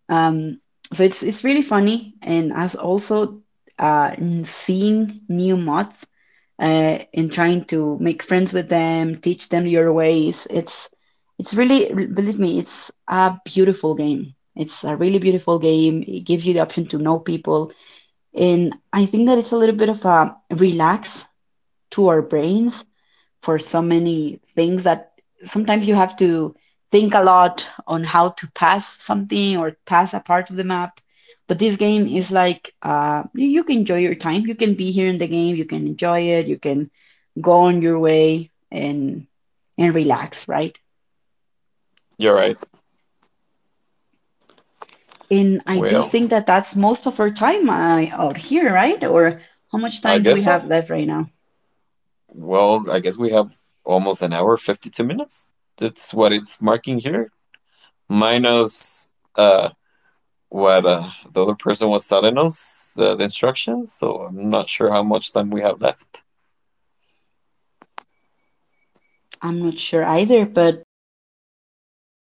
Speaker 1: Um, so it's really funny, and as also seeing new mods and trying to make friends with them, teach them your ways. It's really, believe me, it's a beautiful game. It's a really beautiful game. It gives you the option to know people, and I think that it's a little bit of a relax to our brains for so many things that sometimes you have to think a lot on how to pass something or pass a part of the map. But this game is like you can enjoy your time. You can be here in the game. You can enjoy it. You can go on your way and relax, right?
Speaker 2: you're right.
Speaker 1: And I do
Speaker 2: Well,
Speaker 1: think that that's most of our time out here, right? Or how much
Speaker 2: I
Speaker 1: time do we
Speaker 2: guess so.
Speaker 1: have left right now?
Speaker 2: Well, I guess we have almost an hour, 52 minutes. That's what it's marking here, minus uh what the other person was telling us, the instructions. So I'm not sure how much time we have left.
Speaker 1: I'm not sure either, but